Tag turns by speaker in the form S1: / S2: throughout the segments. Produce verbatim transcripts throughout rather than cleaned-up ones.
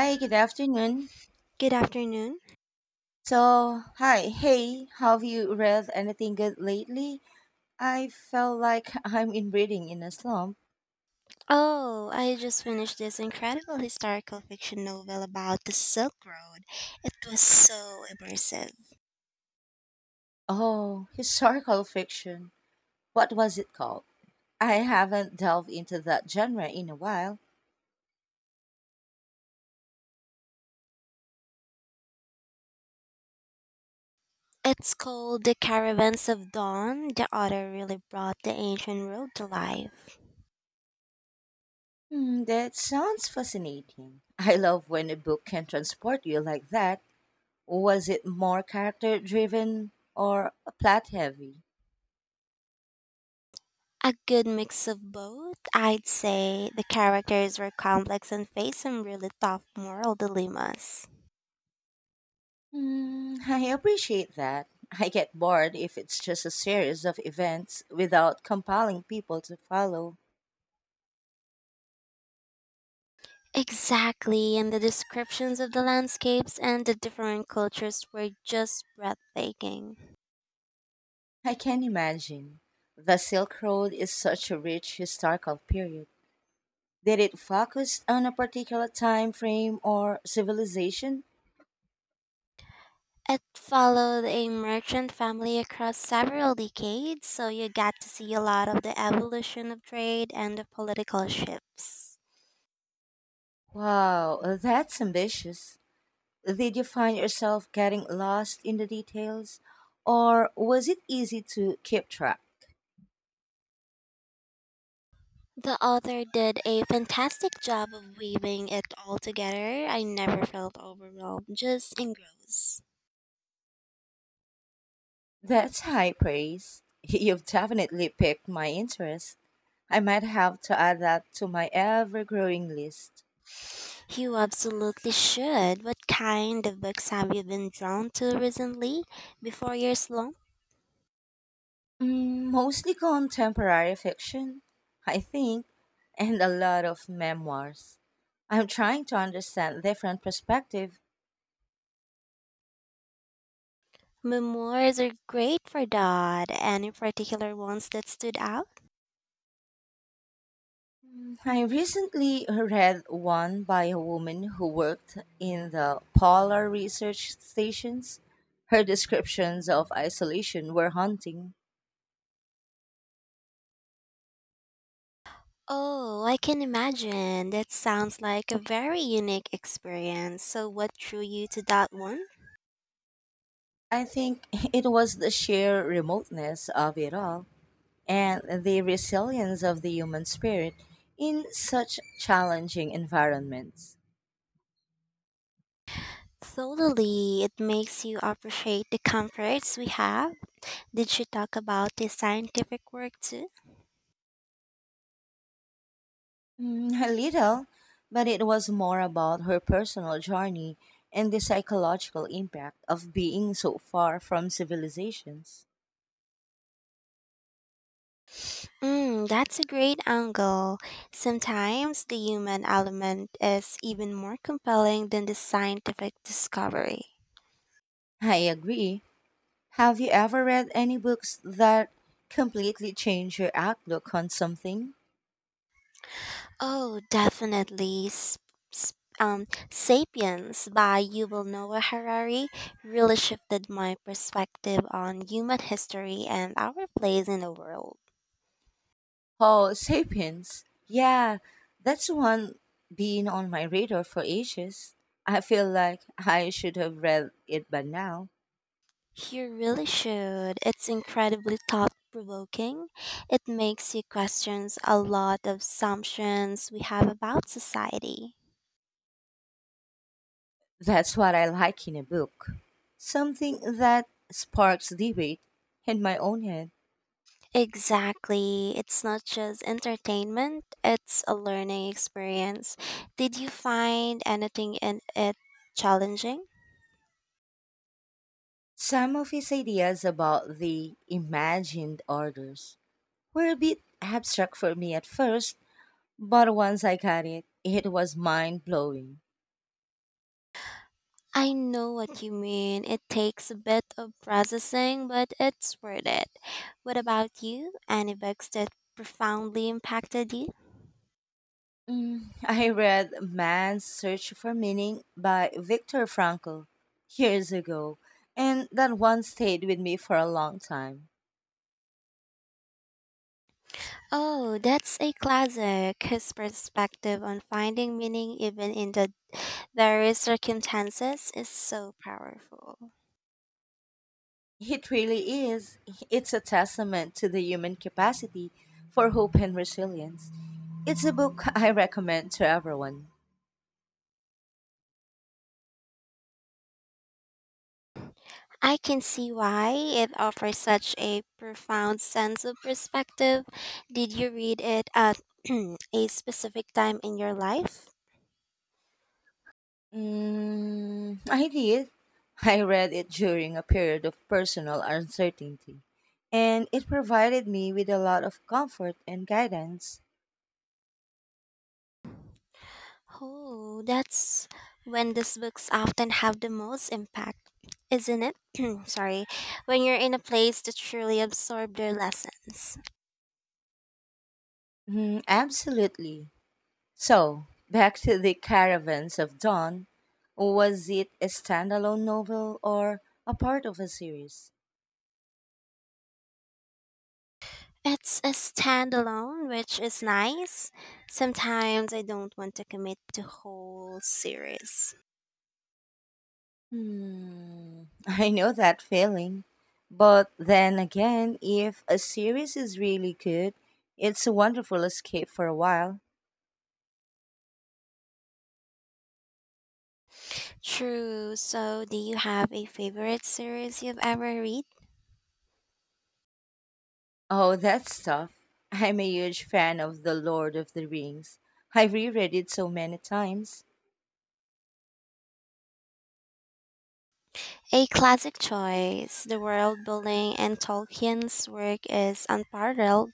S1: Hi, good afternoon.
S2: Good afternoon.
S1: So, hi, hey, have you read anything good lately? I felt like I'm in reading in a slump.
S2: Oh, I just finished this incredible historical fiction novel about the Silk Road. It was so immersive.
S1: Oh, historical fiction. What was it called? I haven't delved into that genre in a while.
S2: It's called The Caravans of Dawn. The author really brought the ancient road to life.
S1: Hmm, that sounds fascinating. I love when a book can transport you like that. Was it more character driven or plot heavy?
S2: A good mix of both, I'd say. The characters were complex and faced some really tough moral dilemmas.
S1: Mm, I appreciate that. I get bored if it's just a series of events without compelling people to follow.
S2: Exactly, and the descriptions of the landscapes and the different cultures were just breathtaking.
S1: I can imagine. The Silk Road is such a rich historical period. Did it focus on a particular time frame or civilization?
S2: It followed a merchant family across several decades, so you got to see a lot of the evolution of trade and the political shifts.
S1: Wow, that's ambitious. Did you find yourself getting lost in the details, or was it easy to keep track?
S2: The author did a fantastic job of weaving it all together. I never felt overwhelmed, just engrossed.
S1: That's high praise. You've definitely piqued my interest. I might have to add that to my ever growing list.
S2: You absolutely should. What kind of books have you been drawn to recently before your slump?
S1: Mm, mostly contemporary fiction, I think, and a lot of memoirs. I'm trying to understand different perspective.
S2: Memoirs are great for that. Any particular ones that stood out?
S1: I recently read one by a woman who worked in the polar research stations. Her descriptions of isolation were haunting.
S2: Oh, I can imagine. That sounds like a very unique experience. So, what drew you to that one?
S1: I think it was the sheer remoteness of it all and the resilience of the human spirit in such challenging environments.
S2: Totally. It makes you appreciate the comforts we have. Did you talk about the scientific work too?
S1: Mm, A little, but it was more about her personal journey and the psychological impact of being so far from civilizations.
S2: Mm, that's a great angle. Sometimes the human element is even more compelling than the scientific discovery.
S1: I agree. Have you ever read any books that completely change your outlook on something?
S2: Oh, definitely. Sp- sp- um, Sapiens by Yuval Noah Harari really shifted my perspective on human history and our place in the world.
S1: Oh, Sapiens. Yeah, that's one been on my radar for ages. I feel like I should have read it by now.
S2: You really should. It's incredibly thought provoking. It makes you question a lot of assumptions we have about society.
S1: That's what I like in a book. Something that sparks debate in my own head.
S2: Exactly. It's not just entertainment, it's a learning experience. Did you find anything in it challenging?
S1: Some of his ideas about the imagined orders were a bit abstract for me at first, but once I got it, it was mind blowing.
S2: I know what you mean. It takes a bit of processing, but it's worth it. What about you? Any books that profoundly impacted you?
S1: Mm, I read Man's Search for Meaning by Viktor Frankl years ago, and that one stayed with me for a long time.
S2: Oh, that's a classic. His perspective on finding meaning even in the dire circumstances is so powerful.
S1: It really is. It's a testament to the human capacity for hope and resilience. It's a book I recommend to everyone.
S2: I can see why it offers such a profound sense of perspective. Did you read it at a specific time in your life?
S1: Mm, I did. I read it during a period of personal uncertainty, and it provided me with a lot of comfort and guidance.
S2: Oh, that's when these books often have the most impact, isn't it? Sorry, when you're in a place to truly absorb their lessons.
S1: Mhm, absolutely. So, back to the Caravans of Dawn. Was it a standalone novel or a part of a series?
S2: It's a standalone, which is nice. Sometimes I don't want to commit to whole series.
S1: Hmm, I know that feeling. But then again, if a series is really good, it's a wonderful escape for a while.
S2: True. So, do you have a favorite series you've ever read?
S1: Oh, that's tough. I'm a huge fan of The Lord of the Rings. I've reread it so many times.
S2: A classic choice. The world building and Tolkien's work is unparalleled.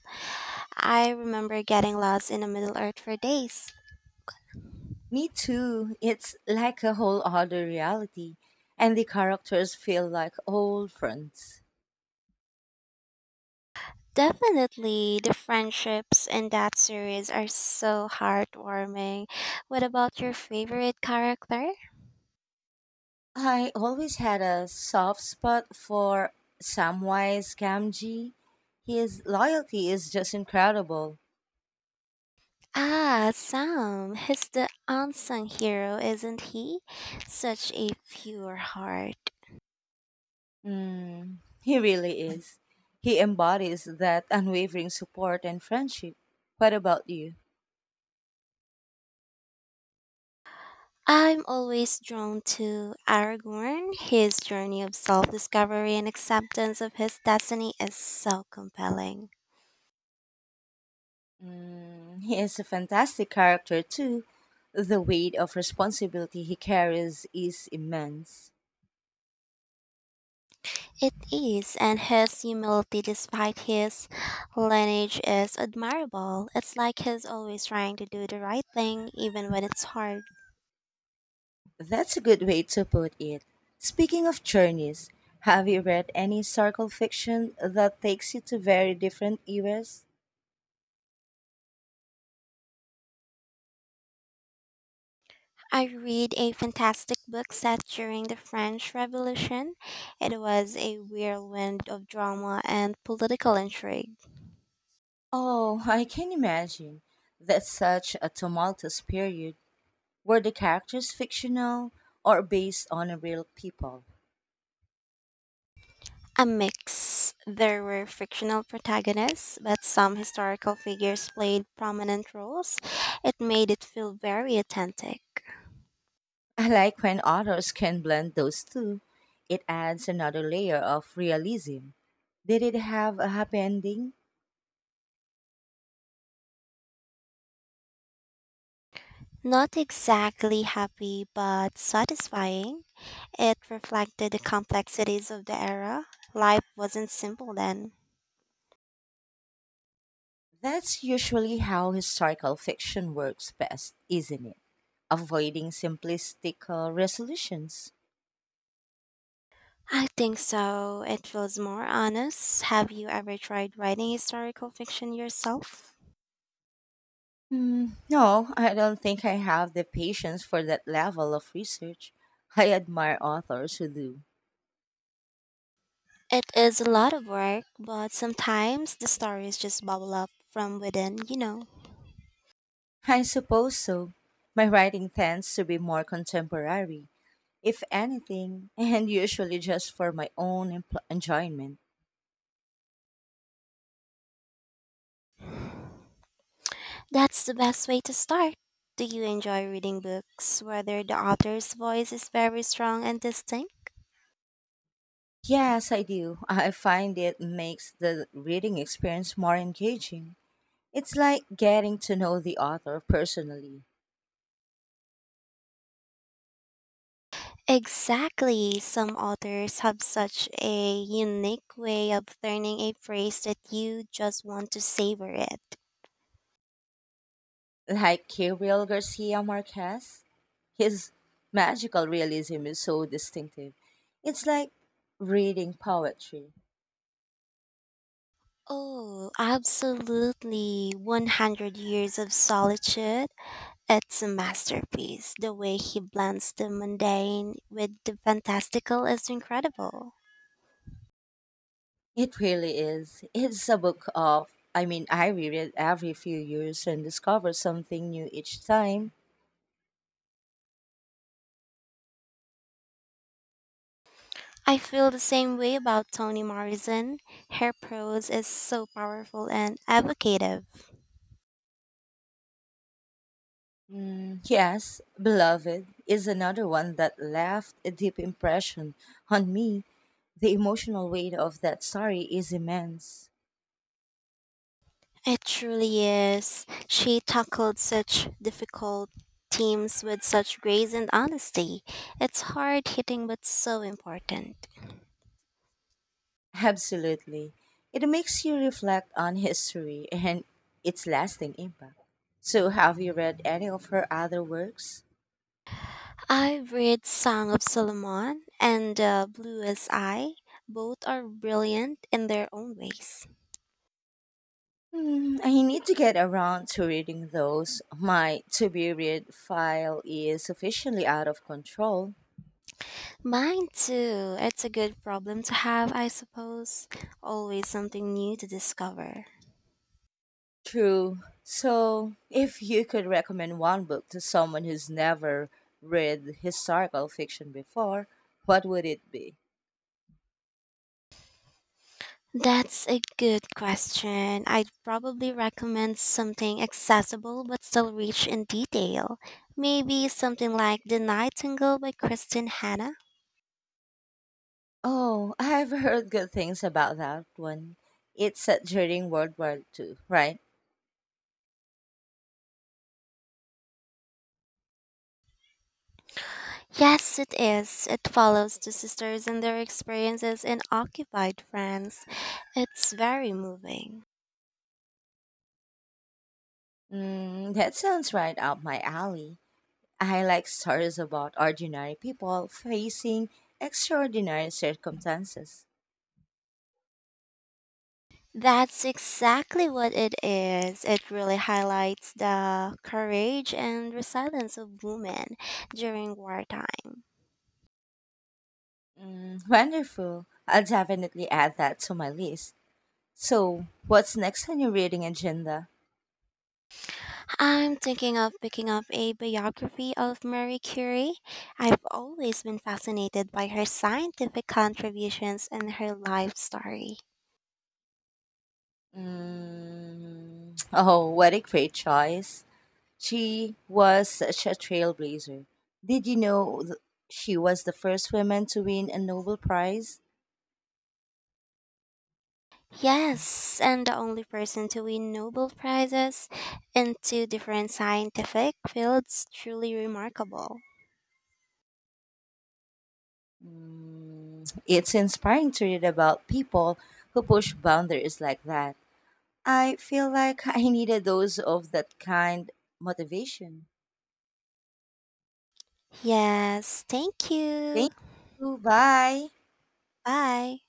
S2: I remember getting lost in the Middle Earth for days.
S1: Me too. It's like a whole other reality, and the characters feel like old friends.
S2: Definitely, the friendships in that series are so heartwarming. What about your favorite character?
S1: I always had a soft spot for Samwise Gamgee. His loyalty is just incredible.
S2: Ah, Sam. He's the unsung hero, isn't he? Such a pure heart.
S1: Mm, he really is. He embodies that unwavering support and friendship. What about you?
S2: I'm always drawn to Aragorn. His journey of self discovery and acceptance of his destiny is so compelling.
S1: Mm, he is a fantastic character, too. The weight of responsibility he carries is immense.
S2: It is, and his humility despite his lineage is admirable. It's like he's always trying to do the right thing, even when it's hard.
S1: That's a good way to put it. Speaking of journeys, have you read any historical fiction that takes you to very different eras?
S2: I read a fantastic book set during the French Revolution. It was a whirlwind of drama and political intrigue.
S1: Oh, I can imagine. That's such a tumultuous period. Were the characters fictional or based on real people?
S2: A mix. There were fictional protagonists, but some historical figures played prominent roles. It made it feel very authentic.
S1: I like when authors can blend those two. It adds another layer of realism. Did it have a happy ending?
S2: Not exactly happy, but satisfying. It reflected the complexities of the era. Life wasn't simple then.
S1: That's usually how historical fiction works best, isn't it? Avoiding simplistic uh, resolutions.
S2: I think so. It feels more honest. Have you ever tried writing historical fiction yourself?
S1: Hmm, no, I don't think I have the patience for that level of research. I admire authors who do.
S2: It is a lot of work, but sometimes the stories just bubble up from within, you know.
S1: I suppose so. My writing tends to be more contemporary, if anything, and usually just for my own empl- enjoyment.
S2: That's the best way to start. Do you enjoy reading books whether the author's voice is very strong and distinct?
S1: Yes, I do. I find it makes the reading experience more engaging. It's like getting to know the author personally.
S2: Exactly. Some authors have such a unique way of turning a phrase that you just want to savor it.
S1: Like Gabriel Garcia Marquez, his magical realism is so distinctive. It's like reading poetry.
S2: Oh, absolutely. one hundred Years of Solitude. It's a masterpiece. The way he blends the mundane with the fantastical is incredible.
S1: It really is. It's a book of, I mean, I read it every few years and discover something new each time.
S2: I feel the same way about Toni Morrison. Her prose is so powerful and evocative.
S1: Mm, yes, Beloved is another one that left a deep impression on me. The emotional weight of that story is immense.
S2: It truly is. She tackled such difficult themes with such grace and honesty. It's hard hitting but so important.
S1: Absolutely. It makes you reflect on history and its lasting impact. So, have you read any of her other works?
S2: I've read Song of Solomon and uh, Blue as I. Both are brilliant in their own ways.
S1: Hmm, I need to get around to reading those. My to be read file is officially out of control.
S2: Mine too. It's a good problem to have, I suppose. Always something new to discover.
S1: True. So, if you could recommend one book to someone who's never read historical fiction before, what would it be?
S2: That's a good question. I'd probably recommend something accessible but still rich in detail. Maybe something like The Nightingale by Kristen Hanna.
S1: Oh, I've heard good things about that one. It's set during World War two, right?
S2: Yes, it is. It follows two sisters and their experiences in occupied France. It's very moving.
S1: Mm, that sounds right up my alley. I like stories about ordinary people facing extraordinary circumstances.
S2: That's exactly what it is. It really highlights the courage and resilience of women during wartime.
S1: Mm, wonderful. I'll definitely add that to my list. So, what's next on your reading agenda?
S2: I'm thinking of picking up a biography of Marie Curie. I've always been fascinated by her scientific contributions and her life story.
S1: Mm, oh, what a great choice. She was such a trailblazer. Did you know th- she was the first woman to win a Nobel Prize?
S2: Yes, and the only person to win Nobel Prizes in two different scientific fields, truly remarkable.
S1: It's inspiring to read about people who push boundaries like that. I feel like I needed those of that kind motivation.
S2: Yes, thank
S1: Thank
S2: you.
S1: you. Bye.
S2: Bye.